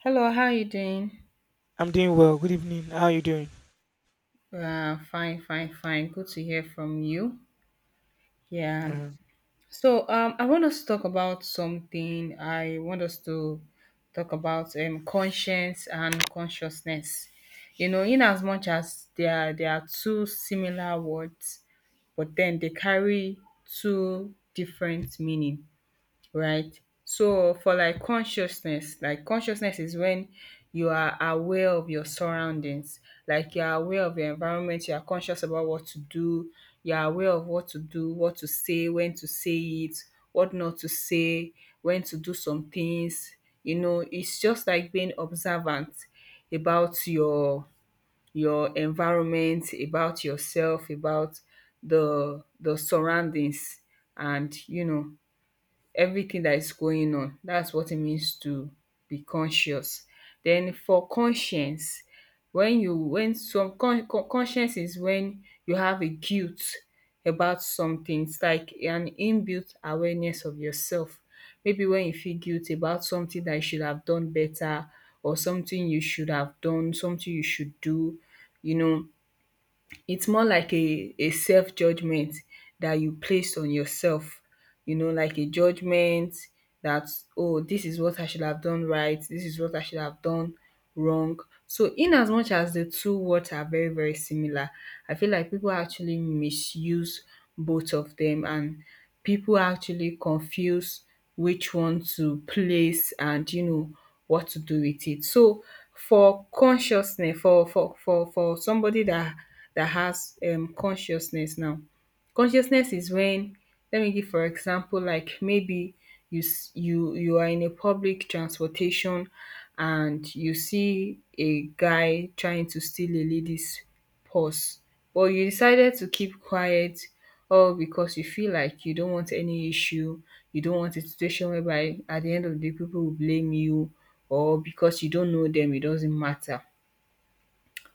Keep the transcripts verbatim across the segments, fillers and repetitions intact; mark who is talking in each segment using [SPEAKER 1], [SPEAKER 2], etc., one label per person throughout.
[SPEAKER 1] Hello, how are you doing?
[SPEAKER 2] I'm doing well. Good evening. How are you doing?
[SPEAKER 1] Uh, fine, fine, fine. Good to hear from you. Yeah.
[SPEAKER 2] Uh,
[SPEAKER 1] So, um, I want us to talk about something. I want us to talk about um conscience and consciousness. You know, in as much as they are they are two similar words, but then they carry two different meaning, right? So for like consciousness, like consciousness is when you are aware of your surroundings, like you are aware of your environment, you are conscious about what to do, you are aware of what to do, what to say, when to say it, what not to say, when to do some things. You know, it's just like being observant about your your environment, about yourself, about the the surroundings and you know everything that is going on. That's what it means to be conscious. Then for conscience, when you when some con con conscience is when you have a guilt about something. It's like an inbuilt awareness of yourself. Maybe when you feel guilty about something that you should have done better, or something you should have done, something you should do, you know, it's more like a a self judgment that you place on yourself, you know, like a judgment that, oh, this is what I should have done right, this is what I should have done wrong. So in as much as the two words are very, very similar, I feel like people actually misuse both of them, and people actually confuse which one to place and you know what to do with it. So for consciousness, for for for for somebody that that has um consciousness now, consciousness is when, let me give for example, like maybe you s- you you are in a public transportation and you see a guy trying to steal a lady's pause, but you decided to keep quiet, all because you feel like you don't want any issue, you don't want a situation whereby at the end of the day people will blame you, or because you don't know them it doesn't matter,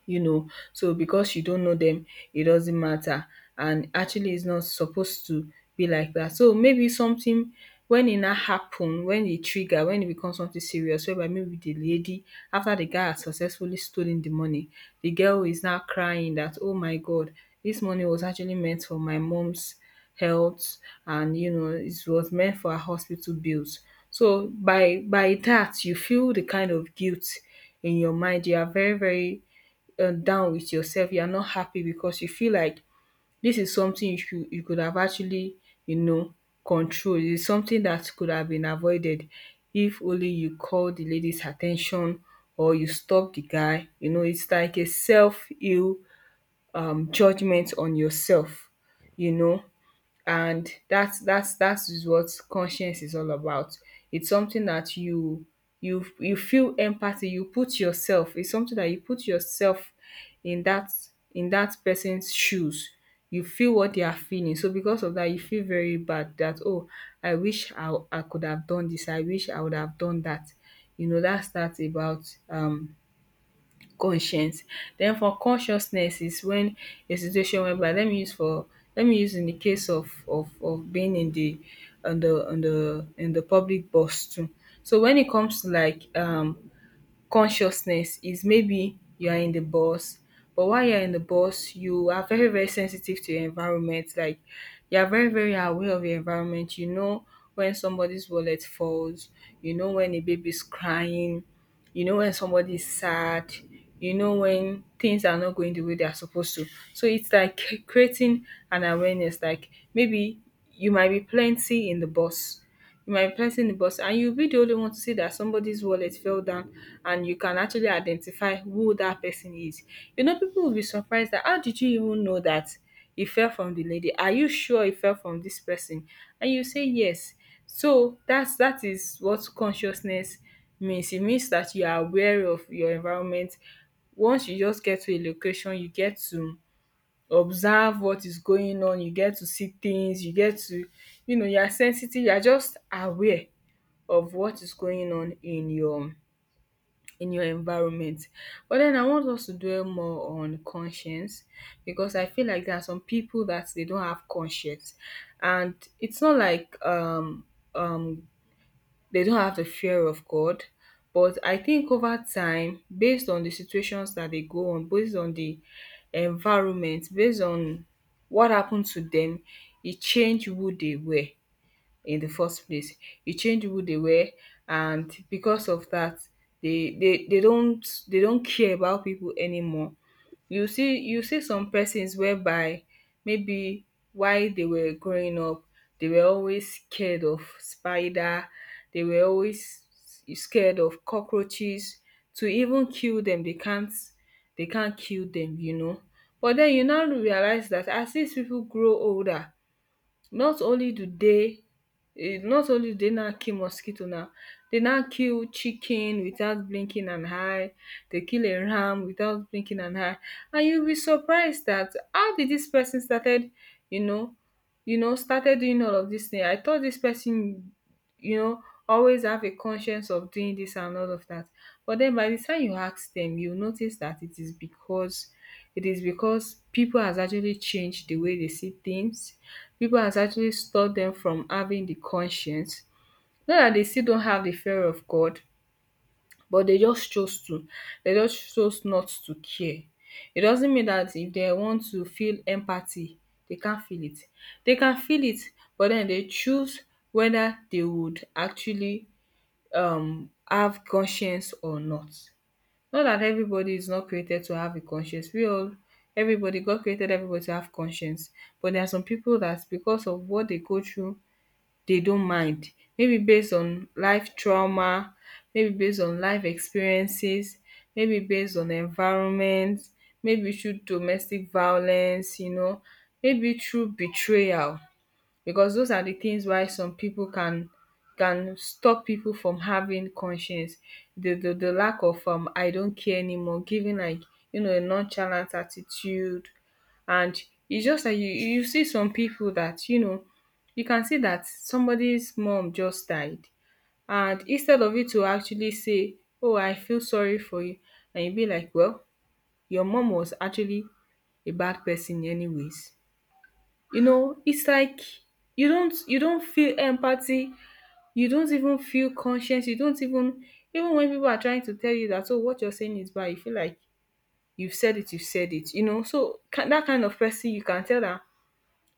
[SPEAKER 1] you know. So because you don't know them, it doesn't matter. And actually it's not supposed to be like that. So maybe something, when it now happen, when it trigger, when it becomes something serious, whereby maybe the lady, after the guy has successfully stolen the money, the girl is now crying that, oh my god, this money was actually meant for my mom's health, and you know it was meant for her hospital bills. So by by that you feel the kind of guilt in your mind. You are very, very uh, down with yourself, you are not happy because you feel like this is something you should, you could have actually, you know, control. It is something that could have been avoided if only you call the lady's attention or you stop the guy. You know, it's like a self-heal um judgment on yourself, you know. And that's that's that's what conscience is all about. It's something that you you you feel empathy, you put yourself, it's something that you put yourself in that in that person's shoes. You feel what they are feeling. So because of that, you feel very bad that, oh, I wish I, I could have done this, I wish I would have done that. You know, that's that's about um conscience. Then, for consciousness is when a situation whereby, let me use for let me use in the case of of of being in the, on the on the in the public bus too. So when it comes to like um consciousness, is maybe you are in the bus, but while you're in the bus you are very, very sensitive to your environment. Like, you're very, very aware of your environment, you know, when somebody's wallet falls, you know, when a baby's crying, you know, when somebody's sad, you know, when things are not going the way they are supposed to. So it's like creating an awareness, like maybe you might be plenty in the bus, you might be pressing the bus, and you'll be the only one to see that somebody's wallet fell down, and you can actually identify who that person is. You know, people will be surprised that, how did you even know that it fell from the lady? Are you sure it fell from this person? And you say yes. So that's that is what consciousness means. It means that you are aware of your environment. Once you just get to a location, you get to observe what is going on, you get to see things, you get to, you know, you are sensitive, you are just aware of what is going on in your in your environment. But then I want us to dwell more on conscience, because I feel like there are some people that they don't have conscience, and it's not like um um they don't have the fear of God. But I think over time, based on the situations that they go on, based on the environment, based on what happened to them, it changed who they were in the first place. You change who they were, and because of that they they, they don't they don't care about people anymore. You see you see some persons whereby, maybe while they were growing up, they were always scared of spider, they were always scared of cockroaches. To even kill them, they can't they can't kill them, you know. But then you now realize that as these people grow older, not only do they eh, not only do they now kill mosquito now, they now kill chicken without blinking an eye, they kill a ram without blinking an eye. And you'll be surprised that, how did this person started, you know, you know, started doing all of this thing. I thought this person, you know, always have a conscience of doing this and all of that. But then by the time you ask them, you notice that it is because it is because people has actually changed the way they see things. People has actually stopped them from having the conscience. Not that they still don't have the fear of God, but they just chose to they just chose not to care. It doesn't mean that if they want to feel empathy, they can't feel it. They can feel it, but then they choose whether they would actually um have conscience or not. Not that everybody is not created to have a conscience. We all everybody, God created everybody to have conscience. But there are some people that, because of what they go through, dey don mind, maybe based on life trauma, maybe based on life experiences, maybe based on environment, maybe through domestic violence, you know, maybe through betrayal, because those are the things why some people can can stop people from having conscience. The the, the lack of, um I don't care anymore, giving like, you know, a nonchalant attitude. And it's just like, you you see some people that, you know, you can see that somebody's mom just died, and instead of you to actually say, oh, I feel sorry for you, and you be like, well, your mom was actually a bad person anyways. You know, it's like you don't you don't feel empathy, you don't even feel conscience, you don't even, even when people are trying to tell you that, oh, what you're saying is bad, you feel like you've said it, you've said it, you know. So ki- that kind of person, you can tell that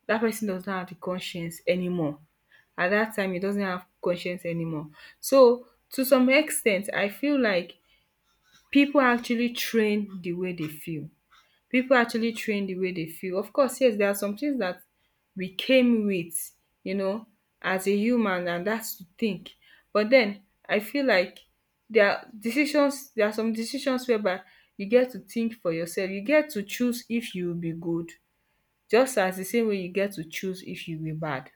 [SPEAKER 1] that person does not have the conscience anymore. At that time, he doesn't have conscience anymore. So to some extent, I feel like people actually train the way they feel. People actually train the way they feel. Of course, yes, there are some things that we came with, you know, as a human, and that's to think. But then I feel like there are decisions, there are some decisions whereby you get to think for yourself. You get to choose if you will be good, just as the same way you get to choose if you will be bad.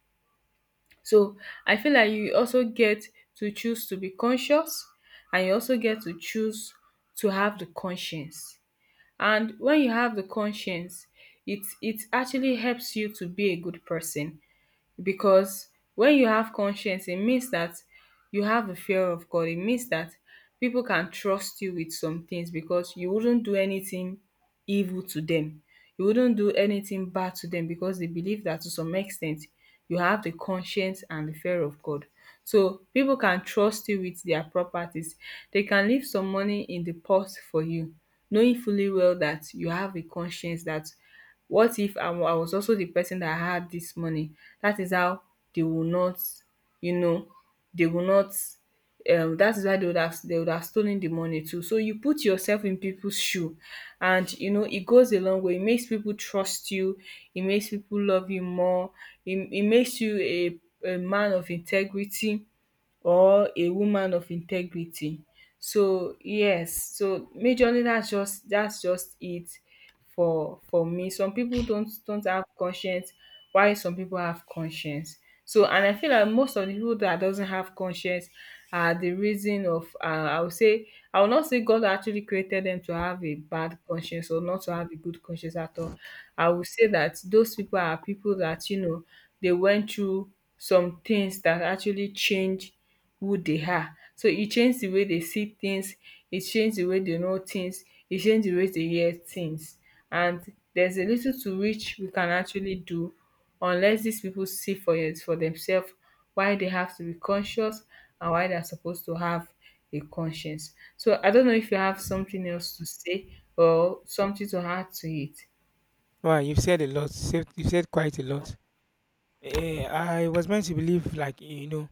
[SPEAKER 1] So I feel like you also get to choose to be conscious, and you also get to choose to have the conscience. And when you have the conscience, it it actually helps you to be a good person, because when you have conscience, it means that you have a fear of God. It means that people can trust you with some things because you wouldn't do anything evil to them. You wouldn't do anything bad to them because they believe that to some extent you have the conscience and the fear of God. So people can trust you with their properties. They can leave some money in the pot for you, knowing fully well that you have a conscience that, what if I wa- I was also the person that had this money? That is how they will not, you know, they will not. Um that is why they would have they would have stolen the money too. So you put yourself in people's shoe, and you know it goes a long way. It makes people trust you, it makes people love you more, it, it makes you a, a man of integrity or a woman of integrity. So yes, so majorly, that's just that's just it for for me. Some people don't don't have conscience, while some people have conscience. So, and I feel like most of the people that doesn't have conscience are the reason of uh, I would say, I will not say God actually created them to have a bad conscience or not to have a good conscience at all. I would say that those people are people that you know they went through some things that actually change who they are. So e change the way they see things, e change the way they know things, e change the way they hear things. And there's a little to which we can actually do unless these people see for it for themselves why they have to be conscious and why they're supposed to have a conscience. So I don't know if you have something else to say or something to add to it.
[SPEAKER 2] wow, you've said a lot. Said- You've said quite a lot. Eh, I was meant to believe, like you know,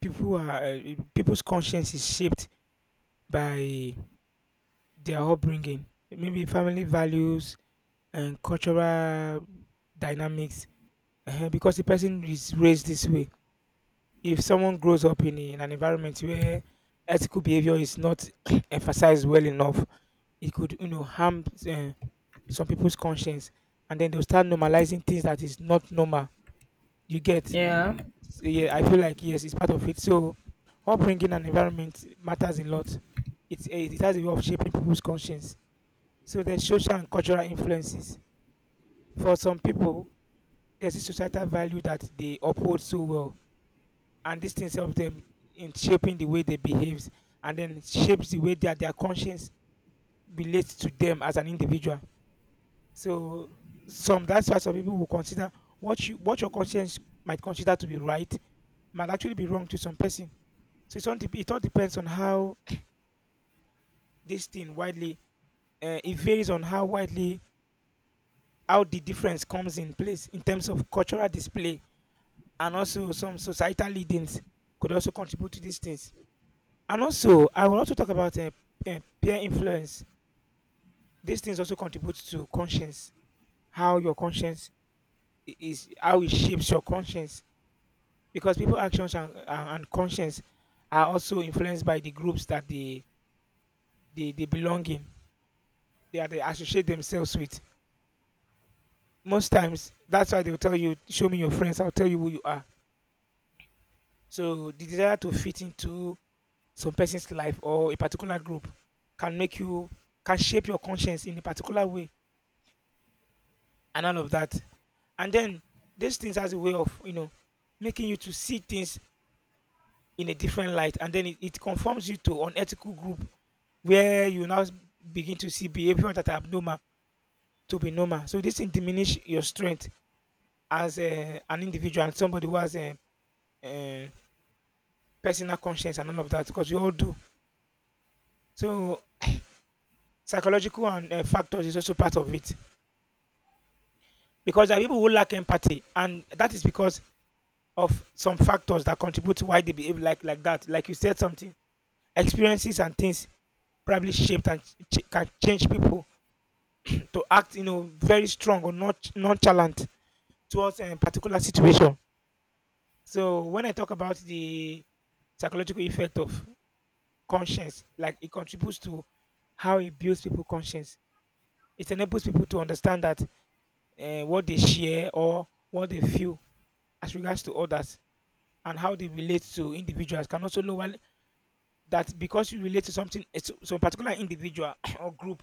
[SPEAKER 2] people are eh, people's conscience is shaped by their upbringing, maybe family values and cultural dynamics. Eh, because the person is raised this way. If someone grows up in, in an environment where ethical behavior is not emphasized well enough, it could you know harm. Uh, some people's conscience, and then they'll start normalizing things that is not normal, you get.
[SPEAKER 1] Yeah.
[SPEAKER 2] So, yeah, I feel like yes, it's part of it. So upbringing and environment matters a lot. It, eh, it has a way of shaping people's conscience. So there's social and cultural influences. For some people there's a societal value that they uphold so well, and these things help them in shaping the way they behave, and then shapes the way that their conscience relates to them as an individual. So some that's why some people will consider what you what your conscience might consider to be right might actually be wrong to some person. So it's all dep- it all depends on how this thing widely uh, it varies on how widely, how the difference comes in place in terms of cultural display. And also some societal leadings could also contribute to these things. And also I will also talk about uh, uh, peer influence. These things also contribute to conscience, how your conscience I- is how it shapes your conscience, because people actions and, and and conscience are also influenced by the groups that they they, they belong in, they are, they associate themselves with. Most times that's why they'll tell you, show me your friends, I'll tell you who you are. So the desire to fit into some person's life or a particular group can make you can shape your conscience in a particular way and all of that. And then these things has a way of you know making you to see things in a different light, and then it, it conforms you to unethical group where you now s- begin to see behavior that are abnormal to be normal. So this thing diminish your strength as uh, an individual and somebody who has a, uh personal conscience and all of that, because we all do. So psychological and uh, factors is also part of it, because there are people who lack empathy, and that is because of some factors that contribute to why they behave like like that. Like you said something, experiences and things probably shaped and ch- can change people to act, you know, very strong or not nonchalant towards a particular situation. So when I talk about the psychological effect of conscience, like it contributes to how it builds people conscience. It enables people to understand that uh, what they share or what they feel as regards to others and how they relate to individuals can also lower that, because you relate to something, eh, to some particular individual or group,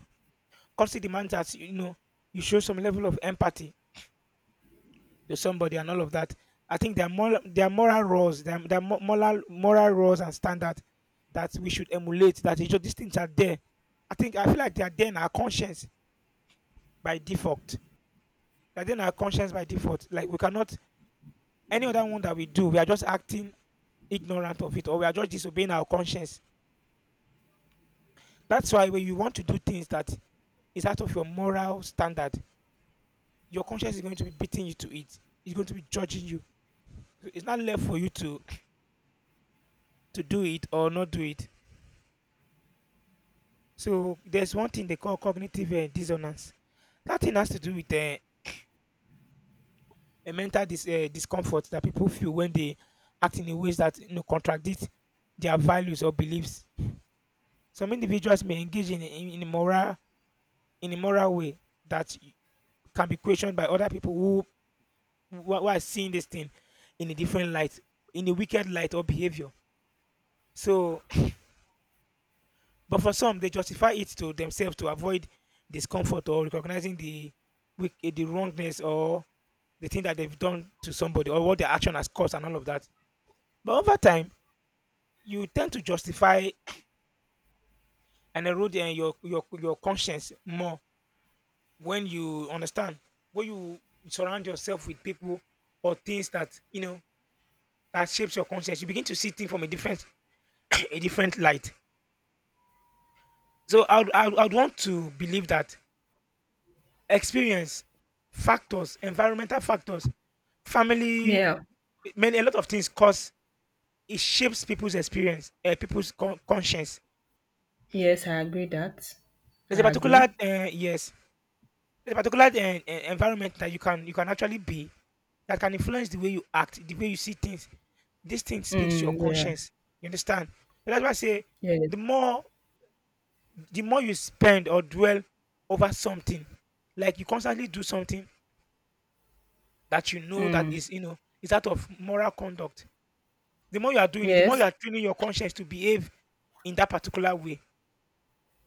[SPEAKER 2] constantly demands that you know you show some level of empathy to somebody and all of that. I think there are moral, there are moral laws, there are, there are mo- moral moral laws and standards that we should emulate. That is just, these things are there. I think, I feel like they are there in our conscience by default. They're there in our conscience by default. Like we cannot, any other one that we do, we are just acting ignorant of it, or we are just disobeying our conscience. That's why when you want to do things that is out of your moral standard, your conscience is going to be beating you to it. It's going to be judging you. So it's not left for you to to do it or not do it. So there's one thing they call cognitive uh, dissonance. That thing has to do with uh, a mental dis- uh, discomfort that people feel when they act in a ways that you know contradict their values or beliefs. Some individuals may engage in in, in immoral in immoral way that y- can be questioned by other people who, who are who are seeing this thing in a different light, in a wicked light or behavior. So, but for some, they justify it to themselves to avoid discomfort or recognizing the wick- the wrongness, or the thing that they've done to somebody, or what the action has caused and all of that. But over time, you tend to justify and erode uh, your your your conscience more. When you understand, when you surround yourself with people or things that you know that shapes your conscience, you begin to see things from a different a different light. So I would, I would I would want to believe that experience, factors, environmental factors, family,
[SPEAKER 1] Yeah.
[SPEAKER 2] many, a lot of things cause, it shapes people's experience, uh, people's con- conscience.
[SPEAKER 1] Yes, I agree that.
[SPEAKER 2] There's a
[SPEAKER 1] I
[SPEAKER 2] particular
[SPEAKER 1] agree.
[SPEAKER 2] uh, yes, there's a particular uh, uh, environment that you can you can actually be, that can influence the way you act, the way you see things. This thing speaks to your
[SPEAKER 1] Mm, yeah.
[SPEAKER 2] conscience. You understand? So that's why I say
[SPEAKER 1] Yes.
[SPEAKER 2] the more, the more you spend or dwell over something, like you constantly do something that you know that
[SPEAKER 1] Mm,
[SPEAKER 2] is, you know, is out of moral conduct. The more you are doing it, the more you
[SPEAKER 1] yes.
[SPEAKER 2] are training your conscience to behave in that particular way.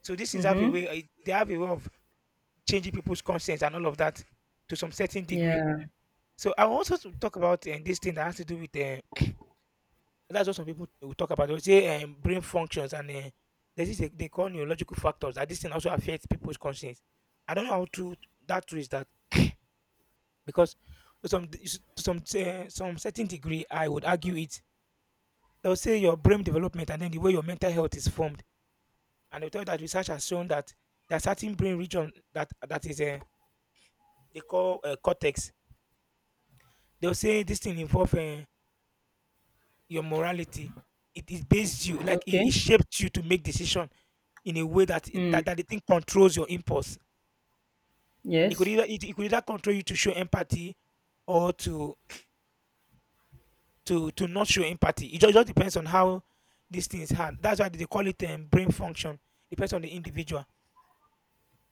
[SPEAKER 2] So these things have a
[SPEAKER 1] Mm-hmm.
[SPEAKER 2] way, eh, they have a way of changing people's conscience and all of that to some certain degree.
[SPEAKER 1] Yeah.
[SPEAKER 2] So I want us to talk about um, this thing that has to do with um, that's what some people eh, will talk about. They will say um, brain functions and uh, this is a, they call neurological factors, that this thing also affects people's conscience. I don't know how true that true is that because to some d- s- to some uh, some certain degree I would argue it. They'll say your brain development and then the way your mental health is formed, and they'll tell you that research has shown that there are certain brain region that that is uh, they call uh, cortex. They'll say this thing involves uh, your morality. It, it based you, like it,
[SPEAKER 1] Okay.
[SPEAKER 2] it shaped you to make decision in a way that
[SPEAKER 1] Mm.
[SPEAKER 2] that, that the thing controls your impulse. It could
[SPEAKER 1] Yes.
[SPEAKER 2] either, it, it could either control you to show empathy, or to to to not show empathy. It just, just depends on how these things hand. That's why they call it um, brain function. Depends on the individual.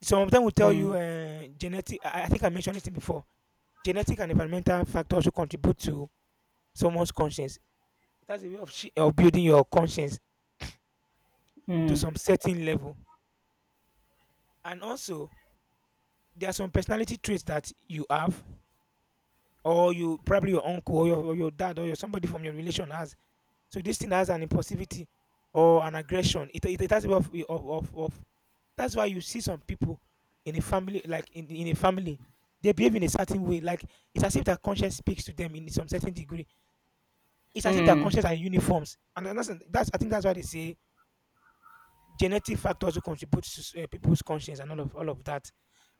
[SPEAKER 2] Some of them will tell you
[SPEAKER 1] Mm.
[SPEAKER 2] uh, genetic. I, I think I mentioned it before. Genetic and environmental factors will contribute to someone's conscience. It has a way of, shi- of building your conscience to some certain level. And also, there are some personality traits that you have, or you probably, your uncle or your, or your dad or your somebody from your relation has. So this thing has an impulsivity or an aggression. It it, it has a way of, of of of. That's why you see some people in a family, like in in a family, they behave in a certain way. Like it's as if their conscience speaks to them in some certain degree. It's as if their
[SPEAKER 1] Mm.
[SPEAKER 2] conscience are uniforms, and that's that's I think that's why they say genetic factors also contribute to uh, people's conscience and all of all of that.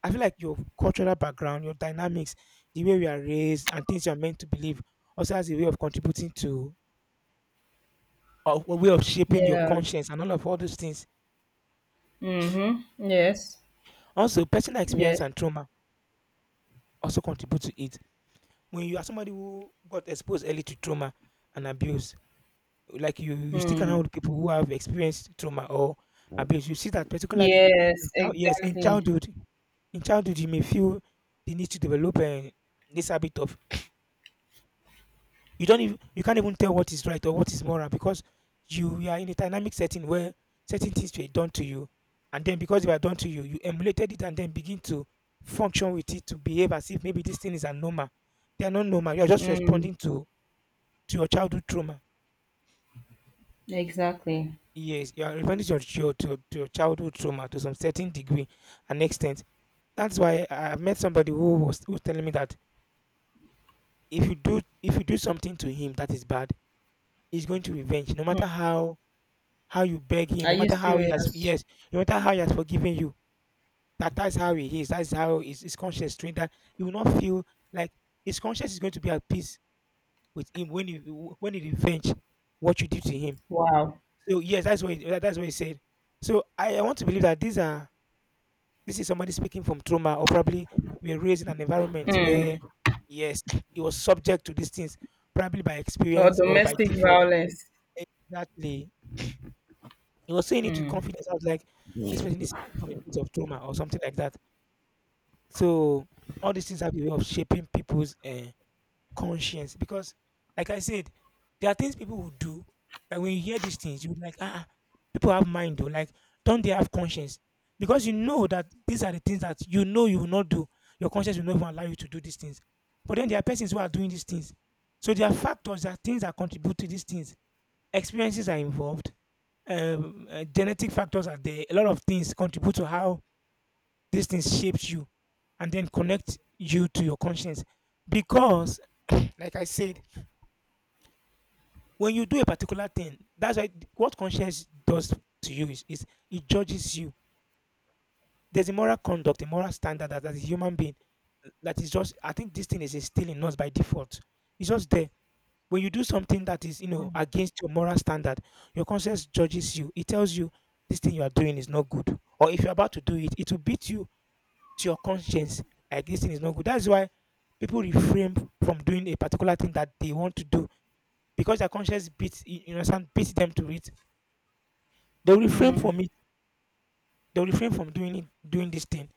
[SPEAKER 2] I feel like your cultural background, your dynamics, the way we are raised, and things you are meant to believe also has a way of contributing to, or a way of shaping your
[SPEAKER 1] Yeah.
[SPEAKER 2] conscience and all of all those things.
[SPEAKER 1] Mm-hmm. Yes.
[SPEAKER 2] Also, personal
[SPEAKER 1] Yes.
[SPEAKER 2] experience and trauma also contribute to it. When you are somebody who got exposed early to trauma and abuse, like you, you stick
[SPEAKER 1] Mm.
[SPEAKER 2] around with people who have experienced trauma or abuse, you see that particularly in
[SPEAKER 1] Yes.
[SPEAKER 2] child, yes, in
[SPEAKER 1] Exactly.
[SPEAKER 2] childhood. In childhood, you may feel the need to develop um, this habit of, you don't even, you can't even tell what is right or what is moral, because you, you are in a dynamic setting where certain things were done to you, and then because they were done to you, you emulated it and then begin to function with it, to behave as if maybe this thing is abnormal. They are not normal. You are just responding to to your childhood trauma.
[SPEAKER 1] Exactly.
[SPEAKER 2] Yes, you are responding to your, to your, to to your childhood trauma to some certain degree and extent. That's why I- I've met somebody who was who was telling me that if you do if you do something to him that is bad, he's going to revenge. No matter how how you beg him,
[SPEAKER 1] Are
[SPEAKER 2] no
[SPEAKER 1] you
[SPEAKER 2] matter how he has
[SPEAKER 1] serious?
[SPEAKER 2] yes, no matter how he has forgiven you. That that's how he is. That's how his, his conscience trained that you will not feel like his conscience is going to be at peace with him when you when he revenge what you did to him.
[SPEAKER 1] Wow.
[SPEAKER 2] So yes, that's what he, that- that's what he said. So I, I want to believe that these are this is somebody speaking from trauma, or probably we are raised in an environment where yes, he was subject to these things probably by
[SPEAKER 1] Or
[SPEAKER 2] experience or by
[SPEAKER 1] domestic
[SPEAKER 2] default.
[SPEAKER 1] violence.
[SPEAKER 2] Exactly. He was saying it with confidence. I was like, this person is speaking from a place of trauma or something like that. So all these things have a way of shaping people's uh, conscience because, like I said, there are things people will do. Like when you hear these things, you're like, ah, ah, people have mind though. Like, don't they have conscience? Because you know that these are the things that you know you will not do. Your conscience will not even allow you to do these things. But then there are persons who are doing these things. So there are factors, there are things that contribute to these things. Experiences are involved um, uh, genetic factors are there. A lot of things contribute to how these things shapes you and then connect you to your conscience. Because, like I said, when you do a particular thing, that's why what conscience does to you is, is it judges you. There's a moral conduct, a moral standard that as a human being that is just I think this thing is instilled in us by default. It's just there. When you do something that is, you know, against your moral standard, your conscience judges you. It tells you this thing you are doing is not good. Or if you're about to do it, it will beat you to your conscience. Like this thing is not good. That's why people refrain from doing a particular thing that they want to do because their conscience beats you you understand beats them to it. They'll refrain from it. They'll refrain from doing it doing this thing.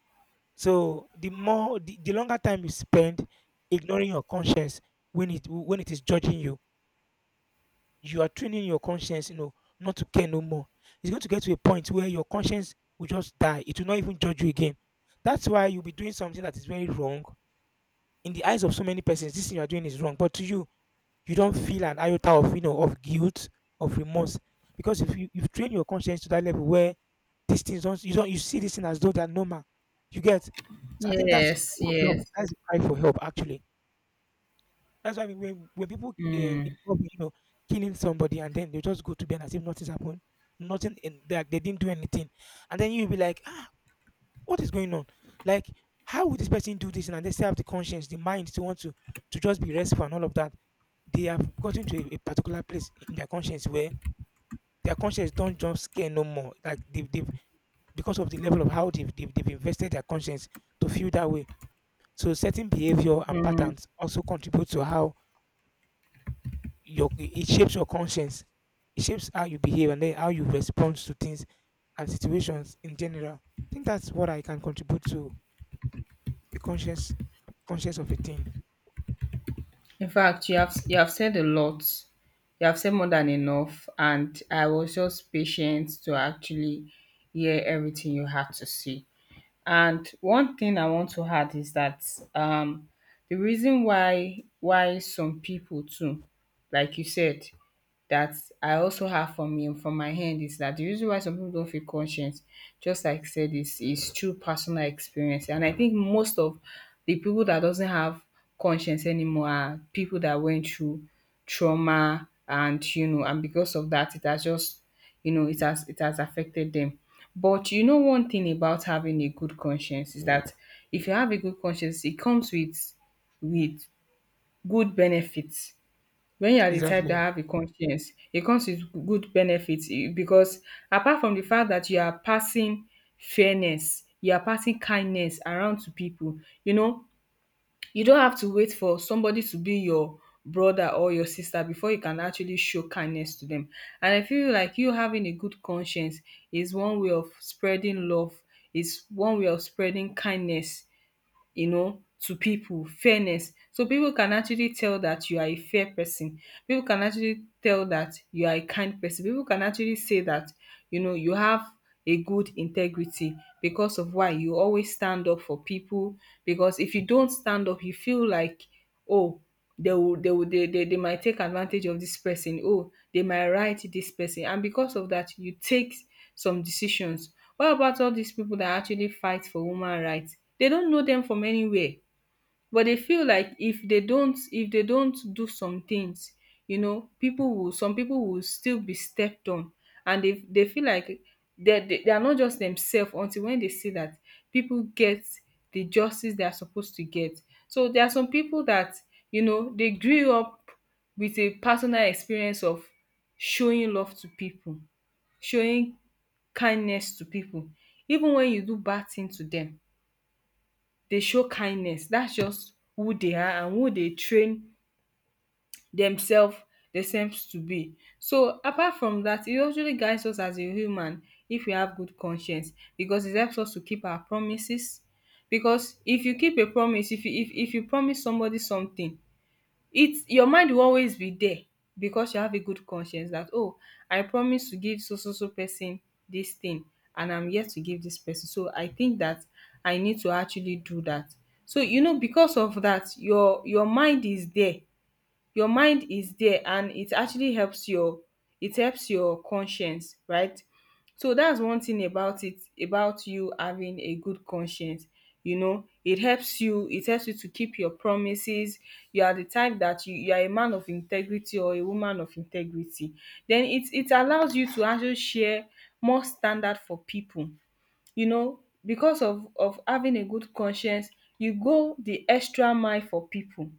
[SPEAKER 2] So the more the, the longer time you spend ignoring your conscience when it when it is judging you you are training your conscience, you know, not to care no more. It's going to get to a point where your conscience will just die. It will not even judge you again. That's why you'll be doing something that is very wrong. In the eyes of so many persons, this thing you are doing is wrong. But to you, you don't feel an iota of you know of guilt, of remorse. Because if you you've trained your conscience to that level where these things don't you don't you see this thing as though they're normal. You get so I think that's a
[SPEAKER 1] Yes.
[SPEAKER 2] cry for help.
[SPEAKER 1] Yes.
[SPEAKER 2] That's a cry for help actually that's why when when people uh, involve, you know, killing somebody and then they just go to bed as if nothing's happened, nothing in that they didn't do anything, and then you'll be like, ah, what is going on? Like, how would this person do this? And they still have the conscience, the mind to want to to just be restful and all of that. They have gotten to a, a particular place in their conscience where their conscience don't just scare no more. Like they've, they've because of the level of how they've, they've they've invested their conscience to feel that way. So certain behavior and patterns also contribute to how your it shapes your conscience. It shapes how you behave and then how you respond to things and situations in general. I think that's what I can contribute to the conscious conscious of a thing.
[SPEAKER 1] In fact, you have you have said a lot. You have said more than enough, and I was just patient to actually hear everything you had to say. And one thing I want to add is that, um the reason why why some people too, like you said, that I also have from me and from my hand, is that the reason why some people don't feel conscious, just like I said, is is through personal experience. And I think most of the people that doesn't have conscience anymore are people that went through trauma, and you know, and because of that it has just, you know it has it has affected them. But you know one thing about having a good conscience is that if you have a good conscience, it comes with with good benefits. When you are the type that
[SPEAKER 2] Exactly.
[SPEAKER 1] have a conscience, it comes with good benefits, eh, because apart from the fact that you are passing fairness, you are passing kindness around to people. You know, you don't have to wait for somebody to be your brother or your sister before you can actually show kindness to them. And I feel like you having a good conscience is one way of spreading love, is one way of spreading kindness, you know, to people, fairness. So people can actually tell that you are a fair person. People can actually tell that you are a kind person. People can actually say that, you know, you have a good integrity because of why you always stand up for people. Because if you don't stand up, you feel like, oh, they will, they will, they, they, they might take advantage of this person. Oh, they might write this person. And because of that, you take some decisions. What about all these people that actually fight for woman rights? They don't know them from anywhere, but they feel like if they don't, if they don't do some things. you know, people will some people will still be stepped on, and they they feel like they they, they are not just themselves until when they see that people get the justice they are supposed to get. So there are some people that you know they grew up with a personal experience of showing love to people, showing kindness to pipu, even wen you do bad tin to dem, dey show kindness. Dats just who dey are and who dey train demself demselves to be. So apart from dat, e actually guides us as a human if we have good conscience, because it helps us to keep our promises. Because if you keep a promise, if you if if you promise somebody sometin, it's your mind will always be there because you have a good conscience that, oh, I promise to give so so so person this thing, and I'm yet to give this person, so I think that I need to actually do that. So, you know because of that, your your mind is there, your mind is there, and it actually helps your it helps your conscience, right? So that's one thing about it, about you having a good conscience. you know it helps you it helps you to keep your promises. You are the type that you, you are a man of integrity or a woman of integrity. Then it it allows you to actually share more standard for people, you know because of of having a good conscience. You go the extra mile for people,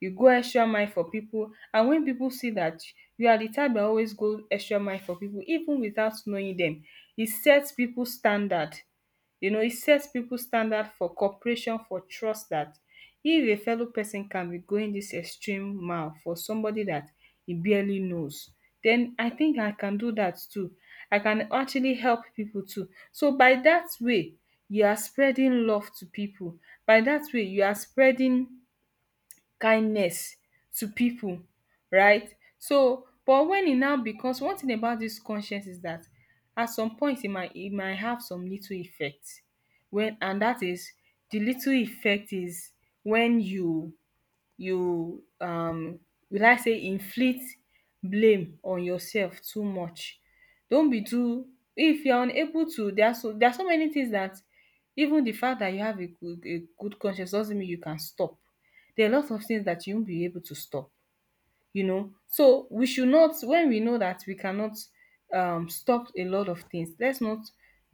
[SPEAKER 1] you go extra mile for people, and when people see that you are the type that always go extra mile for people even without knowing them, it sets people standard. you know it sets people standard for cooperation, for trust, that if a fellow person can be going this extreme mile for somebody that he barely knows, then I think I can do that too. I can actually help people too. So by that way, you are spreading love to people. By that way, you are spreading kindness to people, right? So, but when it now becomes, one thing about this conscience is that at some point it might it might have some little effect, when, and that is, the little effect is when you you, um will I say inflict blame on yourself too much. Don't be too, if you are unable to, there are so there are so many things that even the fact that you have a good a good conscience doesn't mean you can stop. There are lots of things that you won't be able to stop, you know. So we should not, when we know that we cannot um stop a lot of things, let's not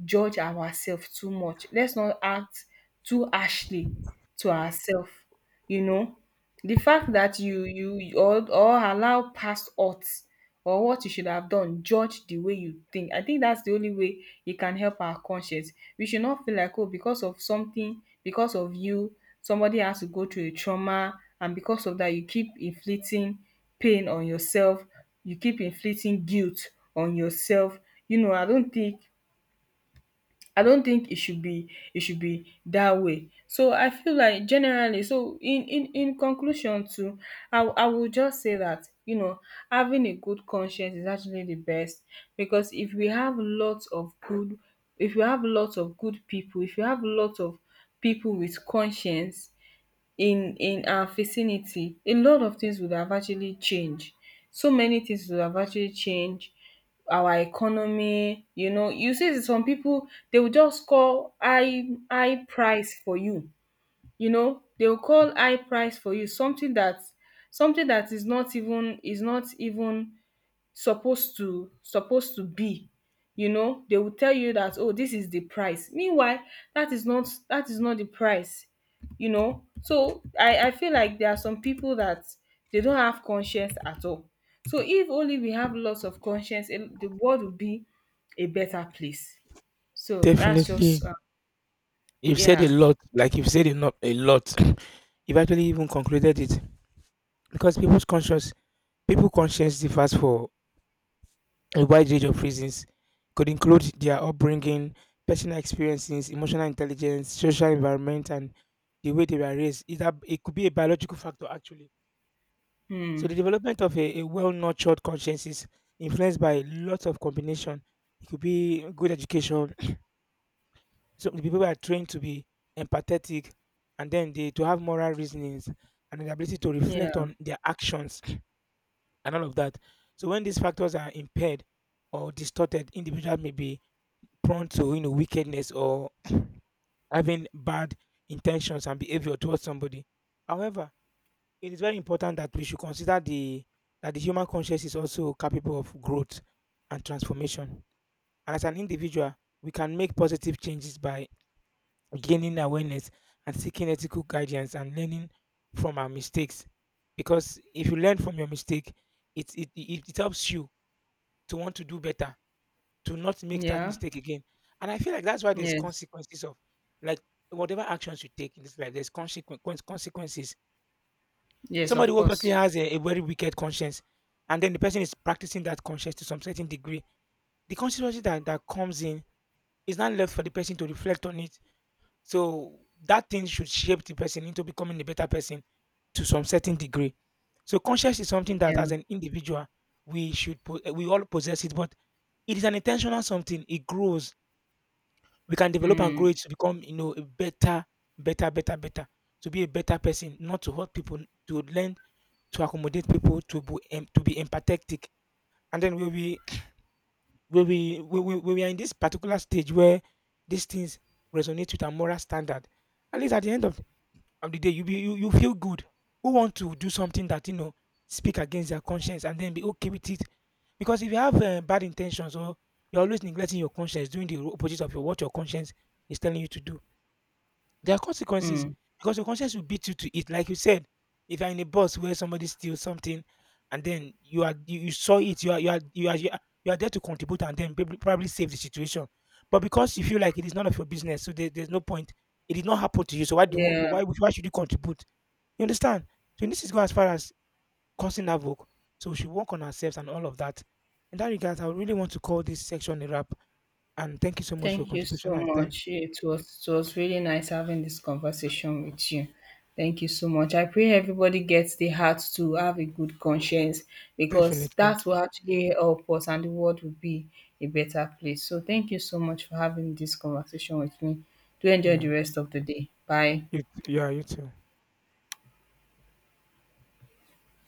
[SPEAKER 1] judge ourselves too much. Let's not act too harshly to ourselves. you know the fact that you you or or allow past odds or what you should have done judge the way you think. I think that's the only way it can help our conscience. We should not feel like, oh, because of something, because of you, somebody has to go through a trauma, and because of that you keep inflicting pain on yourself. You keep inflicting guilt on yourself. you know i don't think I don't think it should be, it should be that way. So I feel like generally, so in in in conclusion too, I w- I will just say that you know having a good conscience is actually the best. Because if we have lots of good, if we have lots of good people, if you have lots of people with conscience, in in our vicinity, a lot of things would have actually changed. So many things would have actually changed our economy. you know you see some people, they will just call high high price for you. You know they will call high price for you, something that something that is not even is not even supposed to supposed to be. you know they will tell you that, oh, this is the price, meanwhile that is not that is not the price. you know so i i feel like there are some people that they don't have conscience at all. So if only we have lots of conscience, eh, the world will be a better place. So that's just
[SPEAKER 2] Definitely.
[SPEAKER 1] uh,
[SPEAKER 2] You've said a
[SPEAKER 1] yeah.
[SPEAKER 2] lot. Like you've said a lot a lot. You've actually even concluded it. Because people's conscious people conscience differs for a wide range of reasons could include their upbringing, personal experiences, emotional intelligence, social environment, and the way they were raised. It, ab- it could be a biological factor, actually. So the
[SPEAKER 1] Hmm.
[SPEAKER 2] development of a, a well-nurtured conscience is influenced by lots of combination. It could be good education. So the people are trained to be empathetic, and then they to have moral reasonings and the ability to
[SPEAKER 1] Yeah.
[SPEAKER 2] reflect on their actions and all of that. So when these factors are impaired or distorted, individuals may be prone to you know wickedness or having bad intentions and behavior towards somebody. However, it is very important that we should consider the that the human conscience is also capable of growth and transformation. And as an individual, we can make positive changes by gaining awareness and seeking ethical guidance and learning from our mistakes. Because if you learn from your mistake, it it, it, it helps you to want to do better, to not make that
[SPEAKER 1] Yeah.
[SPEAKER 2] mistake again. And I feel like that's why there's
[SPEAKER 1] Yes,
[SPEAKER 2] consequences of like whatever actions you take in this life, there's consequence consequences.
[SPEAKER 1] yes,
[SPEAKER 2] Somebody
[SPEAKER 1] of
[SPEAKER 2] who obviously
[SPEAKER 1] course.
[SPEAKER 2] has a, a very wicked conscience, and then the person is practicing that conscience to some certain degree. The consequences that, that comes in is not left for the person to reflect on it. So that thing should shape the person into becoming a better person to some certain degree. So conscience is something that
[SPEAKER 1] Yeah.
[SPEAKER 2] as an individual we should po- eh, we all possess it, but it is an intentional something. It grows we can develop and grow
[SPEAKER 1] Mm,
[SPEAKER 2] it to become you know a better better better better, to be a better person, not to hurt people, to learn, to accommodate people, to be em- to be empathetic, and then when we when we when we, when we are in this particular stage where these things resonate with our moral standard. At least at the end of, of the day you be you, you feel good who want to do something that you know speak against their conscience and then be okay with it. Because if you have uh, bad intentions, or you're always neglecting your conscience doing the opposite of your, what your conscience is telling you to do, there are consequences
[SPEAKER 1] mm,
[SPEAKER 2] because your conscience will beat you to it. Like you said, if you're in a bus where somebody steals something, and then you are you, you saw it, you are you are you are you are you are there to contribute and then probably probably save the situation. But because you feel like it is none of your business, so there, there's no point. It did not happen to you, so why do you,
[SPEAKER 1] yeah.
[SPEAKER 2] why would- why should you contribute? You understand? So this is go as far as causing havoc. So we should work on ourselves and all of that. In that regard, I really want to call this section a wrap. And thank you so much for your
[SPEAKER 1] Thank you
[SPEAKER 2] contribution
[SPEAKER 1] so
[SPEAKER 2] and time.
[SPEAKER 1] much. It was it was really nice having this conversation with you. Thank you so much. I pray everybody gets the heart to have a good conscience because
[SPEAKER 2] Definitely.
[SPEAKER 1] that will actually help us and the world will be a better place. So thank you so much for having this conversation with me. Do enjoy the
[SPEAKER 2] Yeah.
[SPEAKER 1] rest of the day. Bye.
[SPEAKER 2] You t yeah, you too.